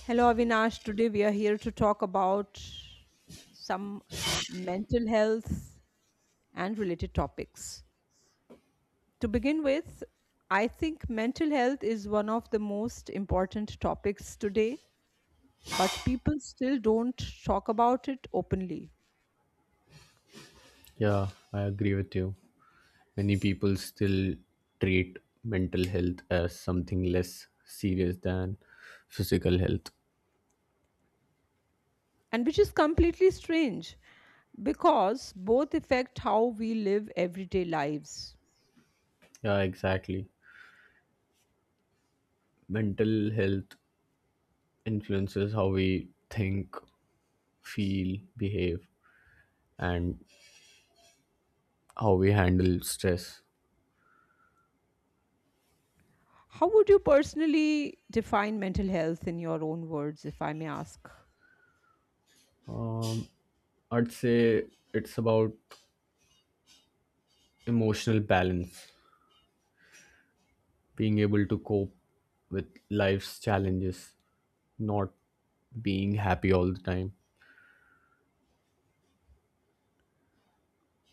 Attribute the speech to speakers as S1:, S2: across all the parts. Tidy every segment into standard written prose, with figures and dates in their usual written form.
S1: Hello, Avinash. Today we are here to talk about some mental health and related topics. To begin with, I think mental health is one of the most important topics today, but people still don't talk about it openly,
S2: Yeah, I agree with you. Many people still treat mental health as something less serious than physical health.
S1: and which is completely strange because both affect how we live everyday lives.
S2: Yeah, exactly. Mental health influences how we think, feel, behave, and how we handle stress.
S1: How would you personally define mental health in your own words, if I may ask?
S2: Um, I'd say it's about emotional balance, being able to cope with life's challenges, not being happy all the time.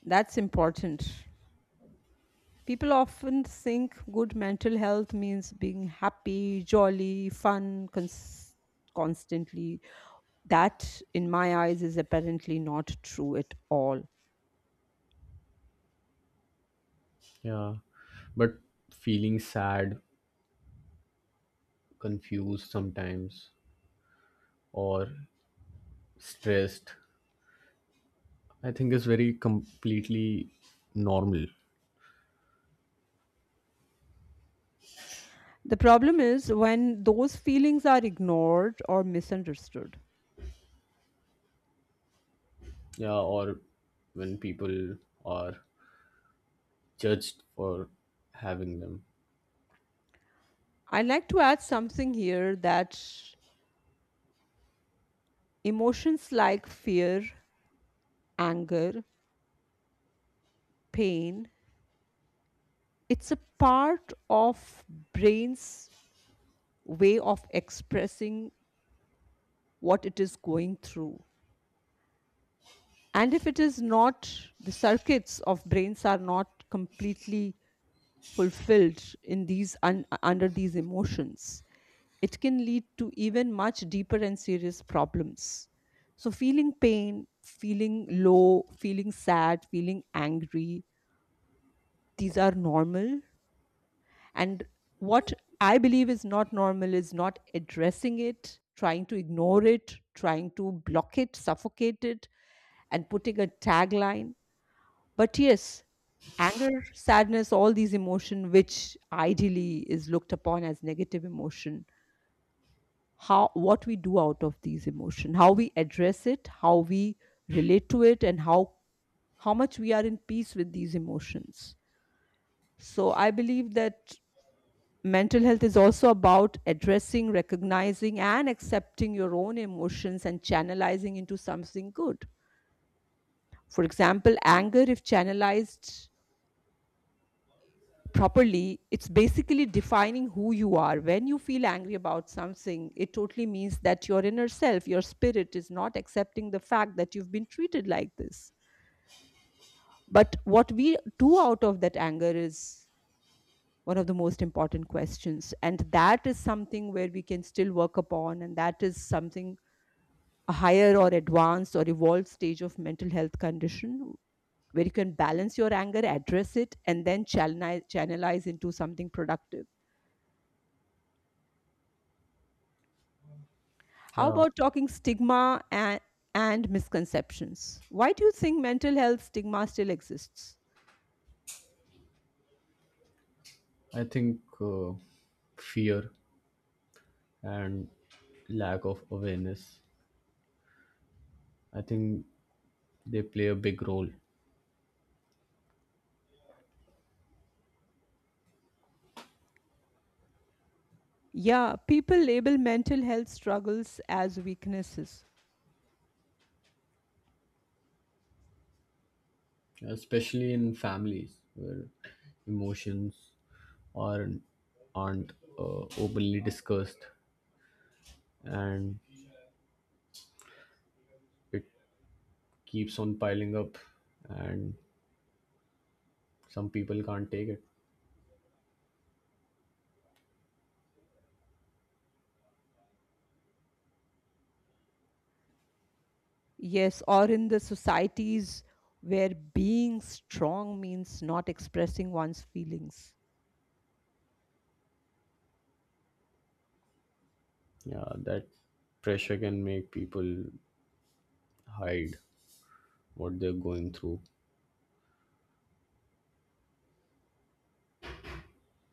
S1: That's important. People often think good mental health means being happy, jolly, fun, constantly. That, in my eyes, is apparently not true at all.
S2: Yeah, but feeling sad, confused sometimes, or stressed, I think is very completely normal.
S1: The problem is when those feelings are ignored or misunderstood.
S2: Yeah, or when people are judged for having them.
S1: I'd like to add something here that emotions like fear, anger, pain, it's a part of brain's way of expressing what it is going through and if it is not the circuits of brains are not completely fulfilled in under these emotions it can lead to even much deeper and serious problems so feeling pain feeling low feeling sad feeling angry these are normal and what I believe is not normal is not addressing it trying to ignore it trying to block it suffocate it and putting a tagline. But yes, anger, sadness, all these emotion which ideally is looked upon as negative emotion, how what we do out of these emotion, how we address it, how we relate to it and how much we are in peace with these emotions. So I believe that mental health is also about addressing, recognizing and accepting your own emotions and channelizing into something good. For example, anger, if channelized properly, it's basically defining who you are. When you feel angry about something, it totally means that your inner self, your spirit, is not accepting the fact that you've been treated like this. But what we do out of that anger is one of the most important questions. And that is something where we can still work upon. And that is something a higher or advanced or evolved stage of mental health condition where you can balance your anger, address it, and then channelize into something productive. How
S2: Yeah,
S1: about talking stigma and misconceptions? Why do you think mental health stigma still exists?
S2: I think fear and lack of awareness, I think they play a big role,
S1: Yeah, people label mental health struggles as weaknesses.
S2: especially in families where emotions aren't aren't openly discussed, and it keeps on piling up, and some people can't take it.
S1: Yes, or in the societies where being strong means not expressing one's feelings.
S2: Yeah, that pressure can make people hide what they're going through.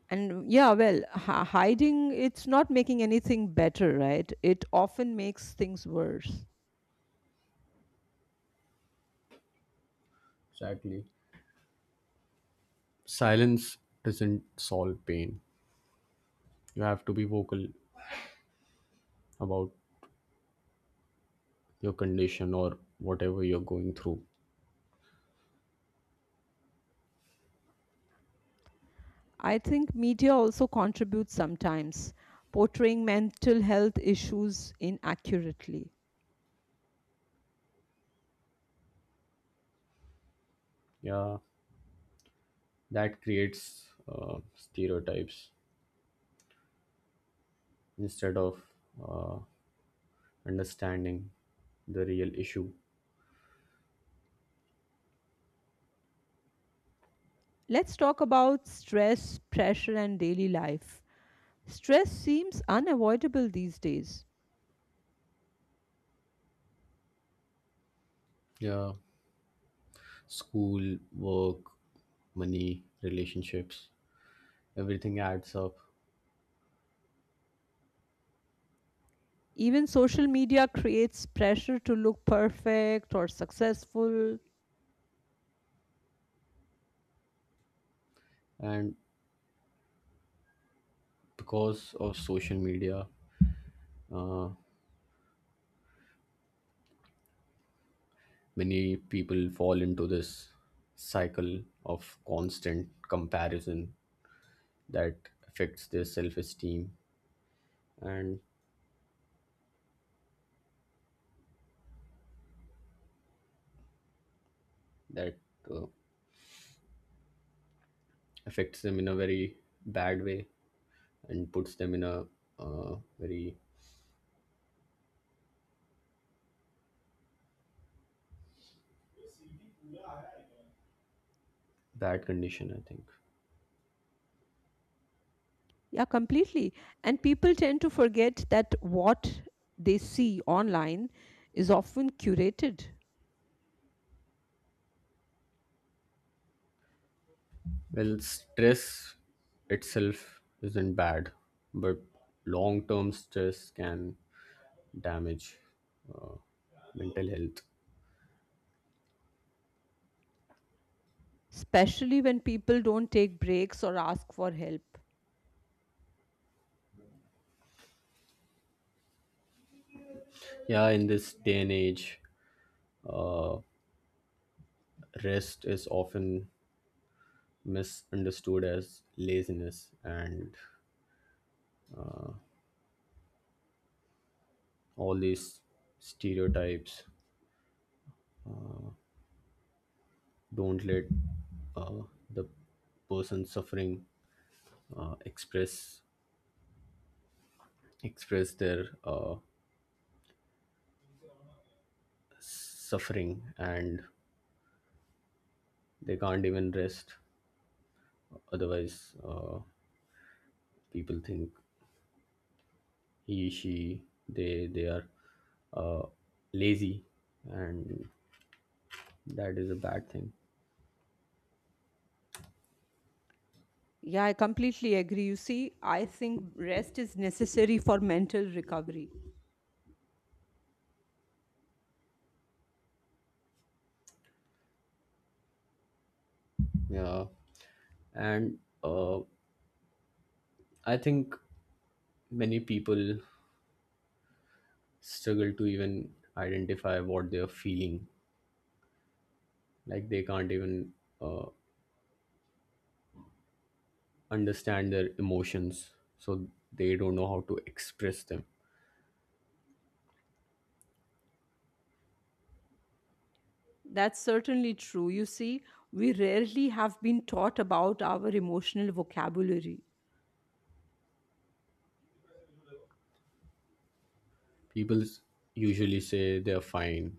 S1: And yeah, well, hiding, it's not making anything better, right? It often makes things worse.
S2: Exactly. Silence doesn't solve pain. You have to be vocal about your condition or whatever you're going through.
S1: I think media also contributes sometimes, portraying mental health issues inaccurately.
S2: Yeah, that creates stereotypes instead of uh, understanding the real issue.
S1: Let's talk about stress, pressure, and daily life. Stress seems unavoidable these days.
S2: Yeah. School, work, money, relationships, everything adds up.
S1: Even social media creates pressure to look perfect or successful.
S2: And because of social media, uh, many people fall into this cycle of constant comparison that affects their self esteem, and that uh, affects them in a very bad way and puts them in a very bad condition, I think.
S1: Yeah, completely. And people tend to forget that what they see online is often curated,
S2: Well, stress itself isn't bad, but long term stress can damage uh, mental health.
S1: especially when people don't take breaks or ask for help.
S2: Yeah, in this day and age, uh, rest is often misunderstood as laziness, and all these stereotypes don't let uh, the person suffering uh, express express their suffering, and they can't even rest. Otherwise, people think he, she, they are uh, lazy, and that is a bad thing.
S1: Yeah, I completely agree. You see, I think rest is necessary for mental recovery.
S2: Yeah, and I think many people struggle to even identify what they are feeling. Like they can't even uh, understand their emotions, so they don't know how to express them.
S1: That's certainly true. You see, we rarely have been taught about our emotional vocabulary.
S2: People s- Usually say they are fine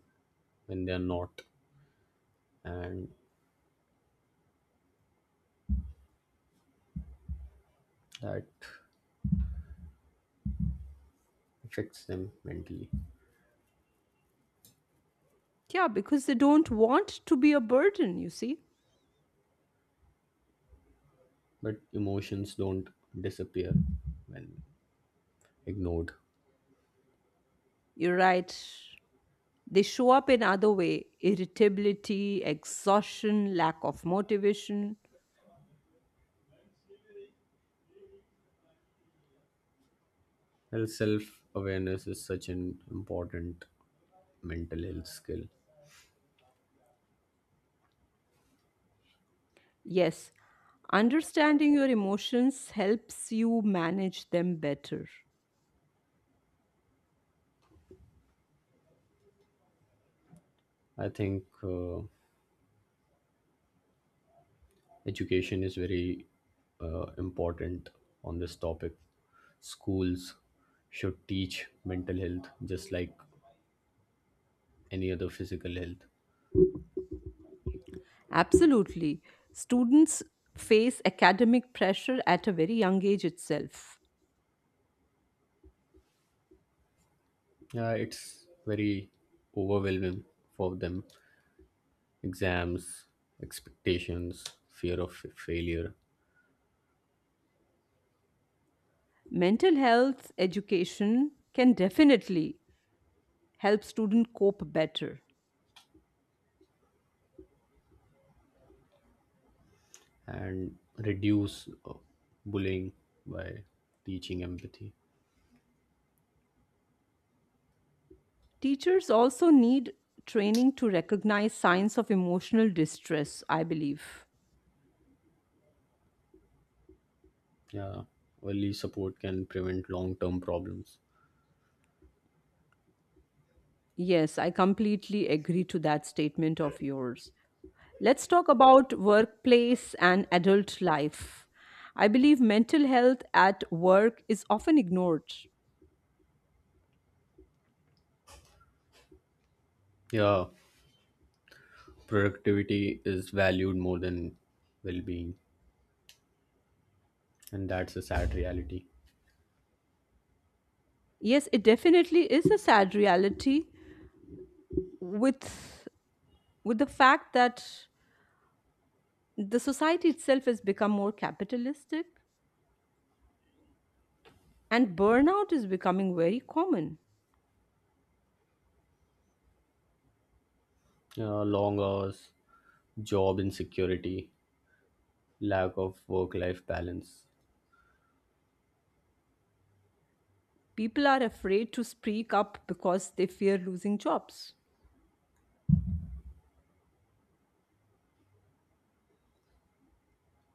S2: when they are not, and that affects them mentally.
S1: Yeah, because they don't want to be a burden, you see.
S2: But emotions don't disappear when ignored.
S1: You're right. They show up in other way irritability, exhaustion, lack of motivation.
S2: Well, self awareness is such an important mental health skill.
S1: Yes, understanding your emotions helps you manage them better.
S2: I think education is very important on this topic. Schools should teach mental health just like any other physical health.
S1: Absolutely. Students face academic pressure at a very young age itself.
S2: Yeah, it's very overwhelming for them. Exams, expectations, fear of failure,
S1: Mental health education can definitely help students cope better.
S2: and reduce bullying by teaching empathy.
S1: Teachers also need training to recognize signs of emotional distress, I believe.
S2: Yeah, early support can prevent long term problems.
S1: Yes, I completely agree to that statement of yours. Let's talk about workplace and adult life. I believe mental health at work is often ignored.
S2: Yeah, productivity is valued more than well being, and that's a sad reality.
S1: Yes, it definitely is a sad reality with with the fact that the society itself has become more capitalistic and burnout is becoming very common.
S2: Yeah, long hours, job insecurity, lack of work life balance.
S1: People are afraid to speak up because they fear losing jobs.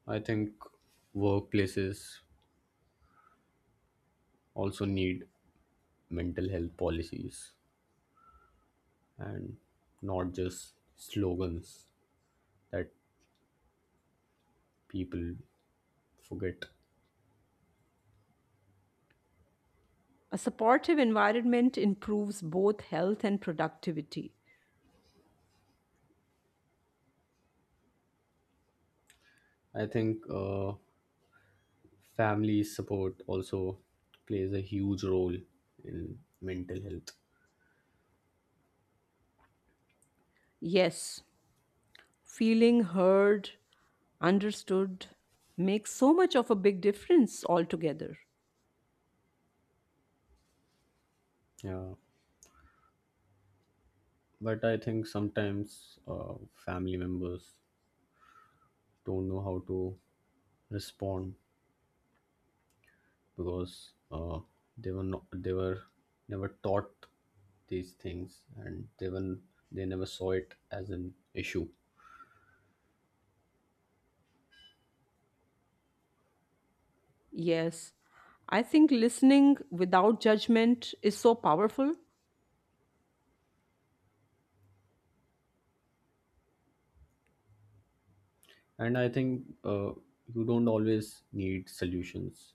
S2: I think workplaces also need mental health policies and not just slogans that people forget.
S1: A supportive environment improves both health and productivity.
S2: I think family support also plays a huge role in mental health.
S1: Yes, feeling heard, understood makes so much of a big difference altogether.
S2: Yeah, but I think sometimes family members don't know how to respond because they were never taught these things, and they never saw it as an issue.
S1: Yes. I think listening without judgment is so powerful.
S2: And I think you don't always need solutions.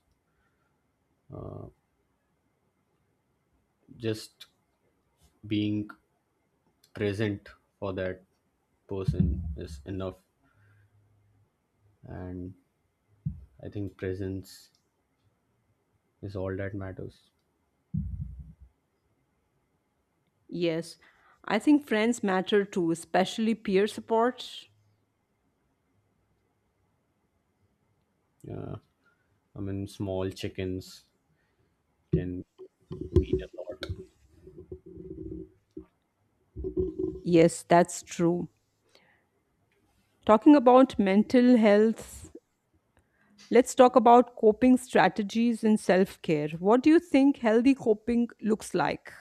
S2: Just being present for that person is enough, and I think presence is all that matters.
S1: Yes. I think friends matter too, especially peer support.
S2: Yeah, I mean small chickens can mean a lot.
S1: Yes, that's true. Talking about mental health, let's talk about coping strategies and self care. What do you think healthy coping looks like?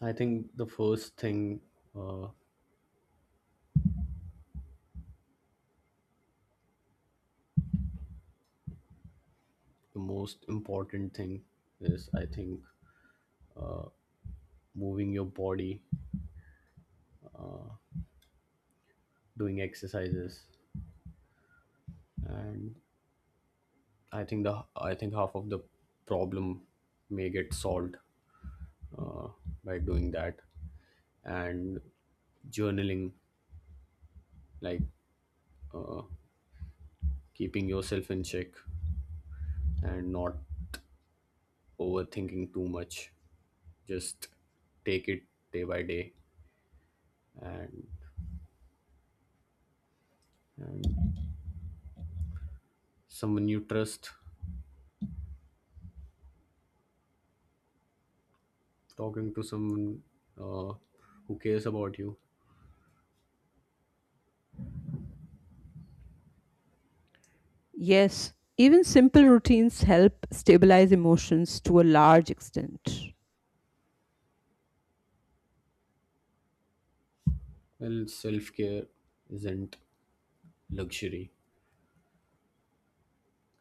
S2: I think the first thing, uh, the most important thing is, I think, moving your body, doing exercises. And I think half of the problem may get solved uh, by doing that, and journaling, like keeping yourself in check and not overthinking too much. Just take it day by day, and, and someone you trust, talking to someone uh, who cares about you.
S1: Yes, even simple routines help stabilize emotions to a large extent.
S2: Well, self-care isn't luxury,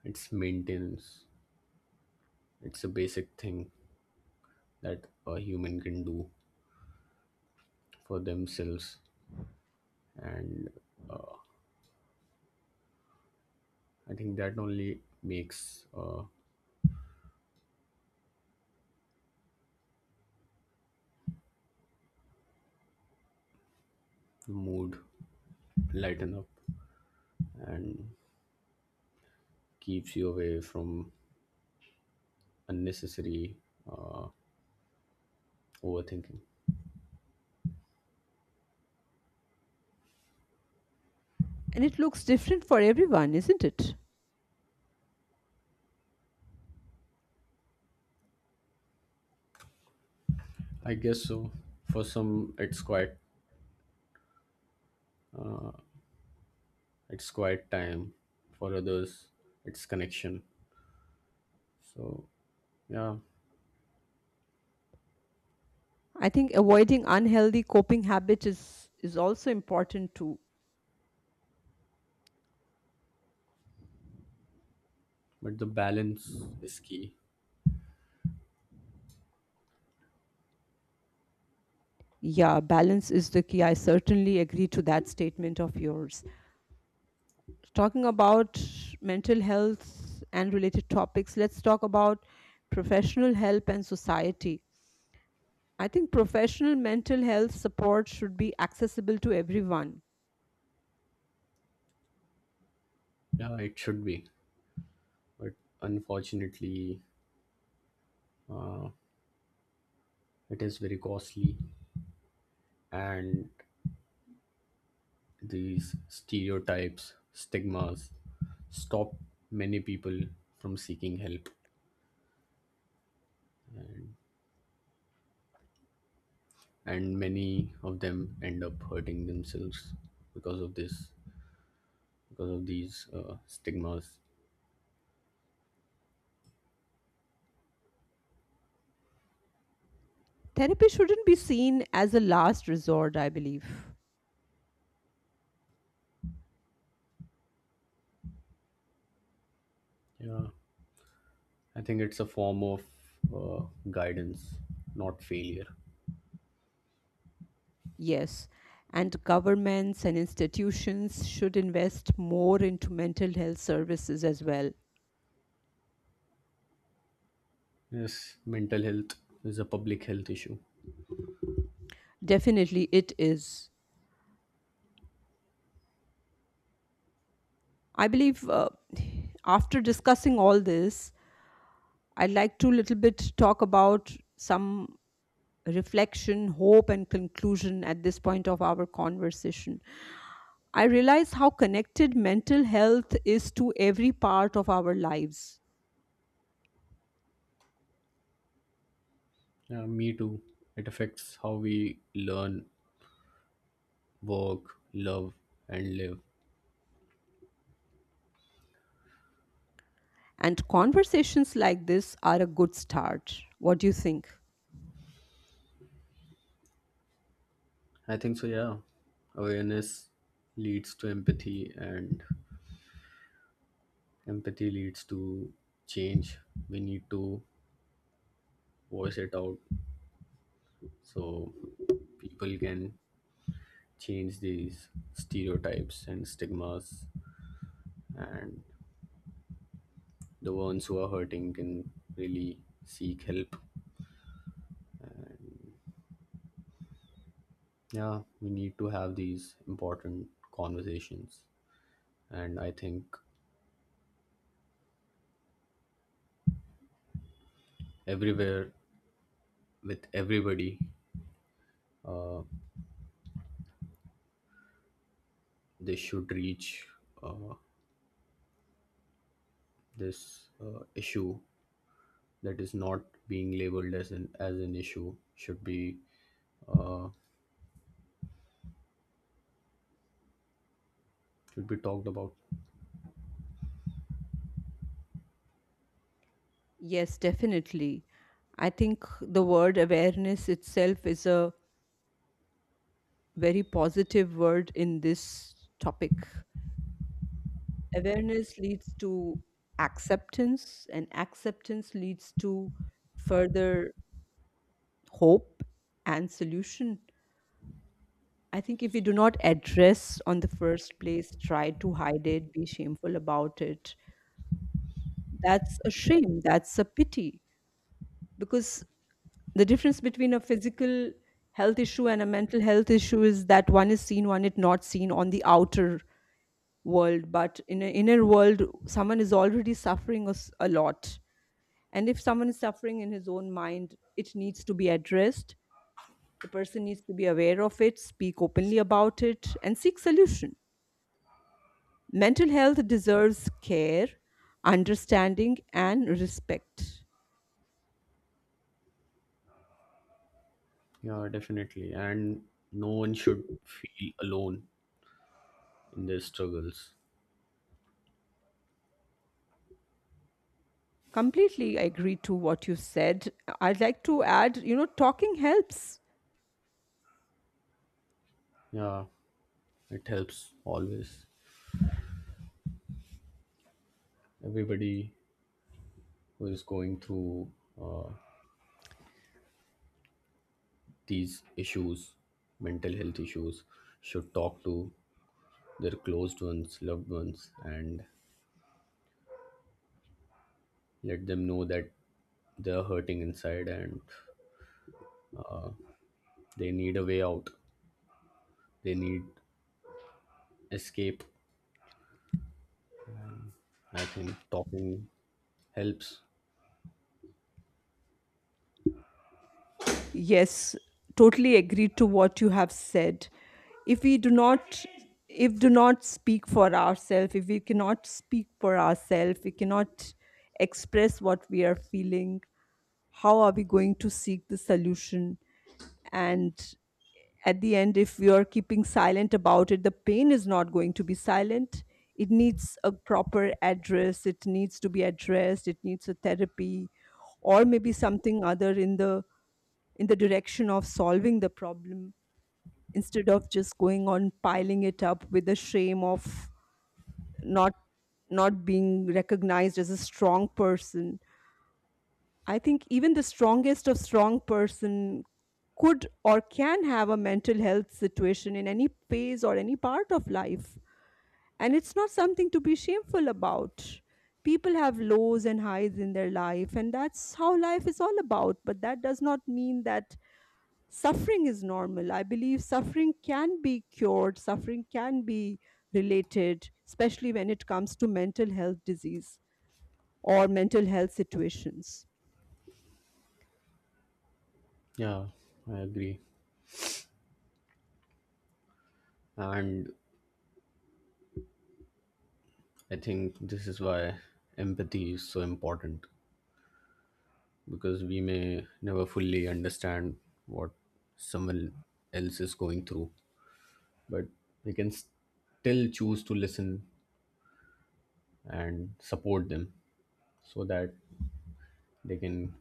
S2: it's maintenance. It's a basic thing that a human can do for themselves, and I think that only makes uh, the mood lighten up and keeps you away from unnecessary uh, overthinking.
S1: And it looks different for everyone, isn't it?
S2: I guess so. For some it's quite time, for others it's connection, so yeah.
S1: I think avoiding unhealthy coping habits is also important too.
S2: But the balance is key.
S1: Yeah, balance is the key. I certainly agree to that statement of yours. Talking about mental health and related topics, let's talk about professional help and society. I think professional mental health support should be accessible to everyone.
S2: Yeah, it should be, but unfortunately it is very costly, and these stereotypes stigmas stop many people from seeking help, and many of them end up hurting themselves because of this, because of these stigmas.
S1: Therapy shouldn't be seen as a last resort, I believe.
S2: Yeah, I think it's a form of guidance, not failure.
S1: Yes, and governments and institutions should invest more into mental health services as well.
S2: Yes, mental health is a public health issue.
S1: Definitely, it is. I believe after discussing all this, I'd like to little bit talk about some reflection, hope, and conclusion at this point of our conversation. I realize how connected mental health is to every part of our lives,
S2: Yeah, me too. It affects how we learn, work, love, and live.
S1: and conversations like this are a good start. What do you think?
S2: I think so, yeah. Awareness leads to empathy, and empathy leads to change. We need to voice it out so people can change these stereotypes and stigmas, and the ones who are hurting can really seek help. Yeah, we need to have these important conversations, and I think everywhere, with everybody, they should reach uh, this issue. That is not being labeled as an issue should be, should be talked about.
S1: Yes, definitely. I think the word awareness itself is a very positive word in this topic. Awareness leads to acceptance, and acceptance leads to further hope and solution. I think if we do not address on the first place, try to hide it, be shameful about it, that's a shame, that's a pity. Because the difference between a physical health issue and a mental health issue is that one is not seen on the outer world but in an inner world someone is already suffering a lot and if someone is suffering in his own mind it needs to be addressed the person needs to be aware of it speak openly about it and seek solution mental health deserves care understanding and respect.
S2: Yeah, definitely. And no one should feel alone in their struggles.
S1: Completely agree to what you said. I'd like to add, talking helps.
S2: Yeah, it helps always. Everybody who is going through uh, these issues, mental health issues, should talk to their closed ones, loved ones, and let them know that they're hurting inside and they need a way out. They need escape. I think talking helps.
S1: Yes, totally agree to what you have said. If we do not if do not speak for ourselves, if we cannot speak for ourselves, we cannot express what we are feeling, how are we going to seek the solution? And at the end, if you're keeping silent about it, the pain is not going to be silent. It needs a proper address, it needs to be addressed, it needs a therapy, or maybe something other in the direction of solving the problem instead of just going on piling it up with the shame of not not being recognized as a strong person. I think even the strongest of strong person could or can have a mental health situation in any phase or any part of life. And it's not something to be shameful about. People have lows and highs in their life, and that's how life is all about. But that does not mean that suffering is normal. I believe suffering can be cured, suffering can be related, especially when it comes to mental health disease or mental health situations.
S2: Yeah, I agree. And I think this is why empathy is so important, because we may never fully understand what someone else is going through, but we can still choose to listen and support them so that they can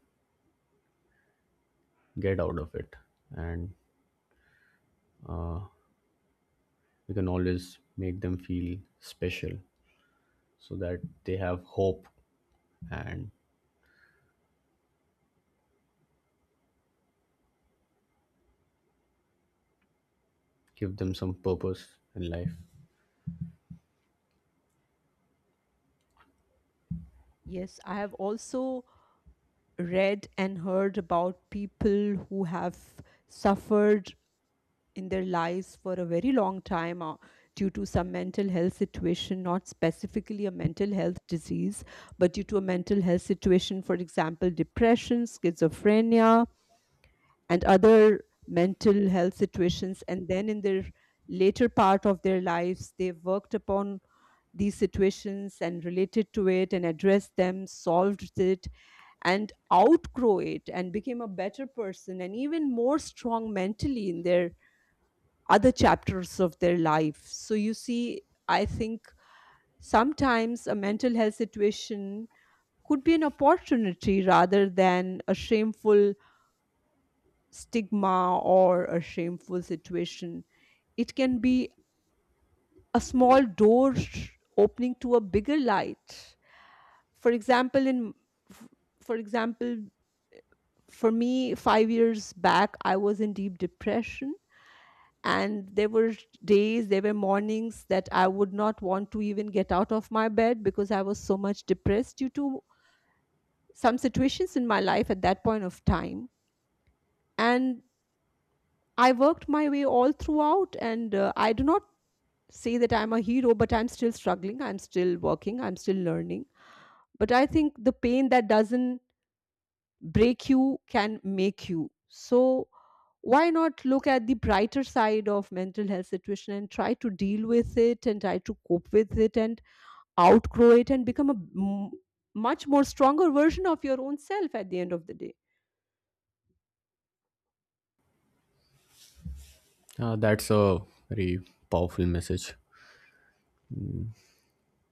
S2: get out of it. And we can always make them feel special so that they have hope, and give them some purpose in life.
S1: Yes, I have also read and heard about people who have suffered in their lives for a very long time due to some mental health situation, not specifically a mental health disease, but due to a mental health situation, for example, depression, schizophrenia, and other mental health situations and then in their later part of their lives they worked upon these situations and related to it and addressed them solved it and outgrow it and became a better person and even more strong mentally in their other chapters of their life so you see I think sometimes a mental health situation could be an opportunity rather than a shameful stigma or a shameful situation. It can be a small opening to a bigger light. For example, f- for example, for me, 5 years back, I was in deep depression, and there were days, there were mornings that I would not want to even get out of my bed because I was so much depressed due to some situations in my life at that point of time. And I worked my way all throughout, and I do not say that I'm a hero, but I'm still struggling, I'm still working, I'm still learning. But I think the pain that doesn't break you can make you. So why not look at the brighter side of mental health situation and try to deal with it and try to cope with it and outgrow it and become a much more stronger version of your own self at the end of the day.
S2: That's a very powerful message.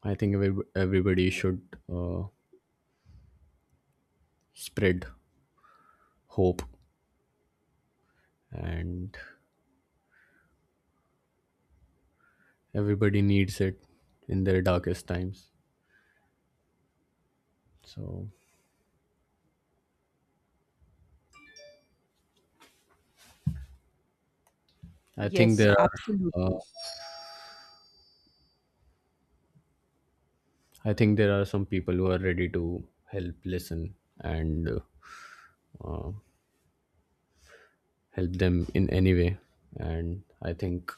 S2: I think everybody should spread hope, and everybody needs it in their darkest times. So I think
S1: Yes,
S2: there are, uh,
S1: absolutely.
S2: I think there are some people who are ready to help, listen, and help them in any way. And I think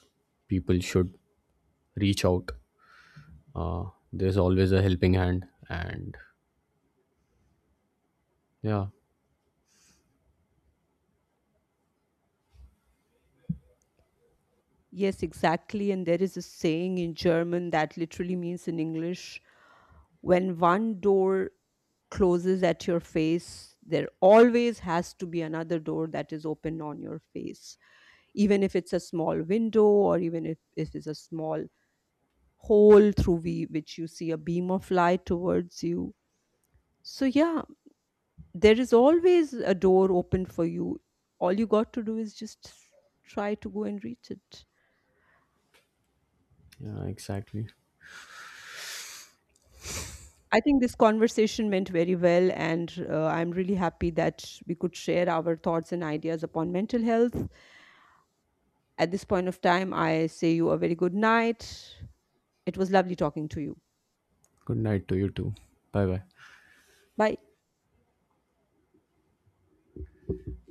S2: people should reach out. Uh, there's always a helping hand, and yeah,
S1: Yes, exactly. And there is a saying in German that literally means in English when one door closes at your face, there always has to be another door that is open on your face, even if it's a small window or even if it's a small hole which you see a beam of light towards you. So, yeah, there is always a door open for you. All you got to do is just try to go and reach it.
S2: yeah, exactly.
S1: I think this conversation went very well, and I'm really happy that we could share our thoughts and ideas upon mental health. At this point of time, I say you a very good night. It was lovely talking to you.
S2: Good night to you too. Bye bye.
S1: Bye.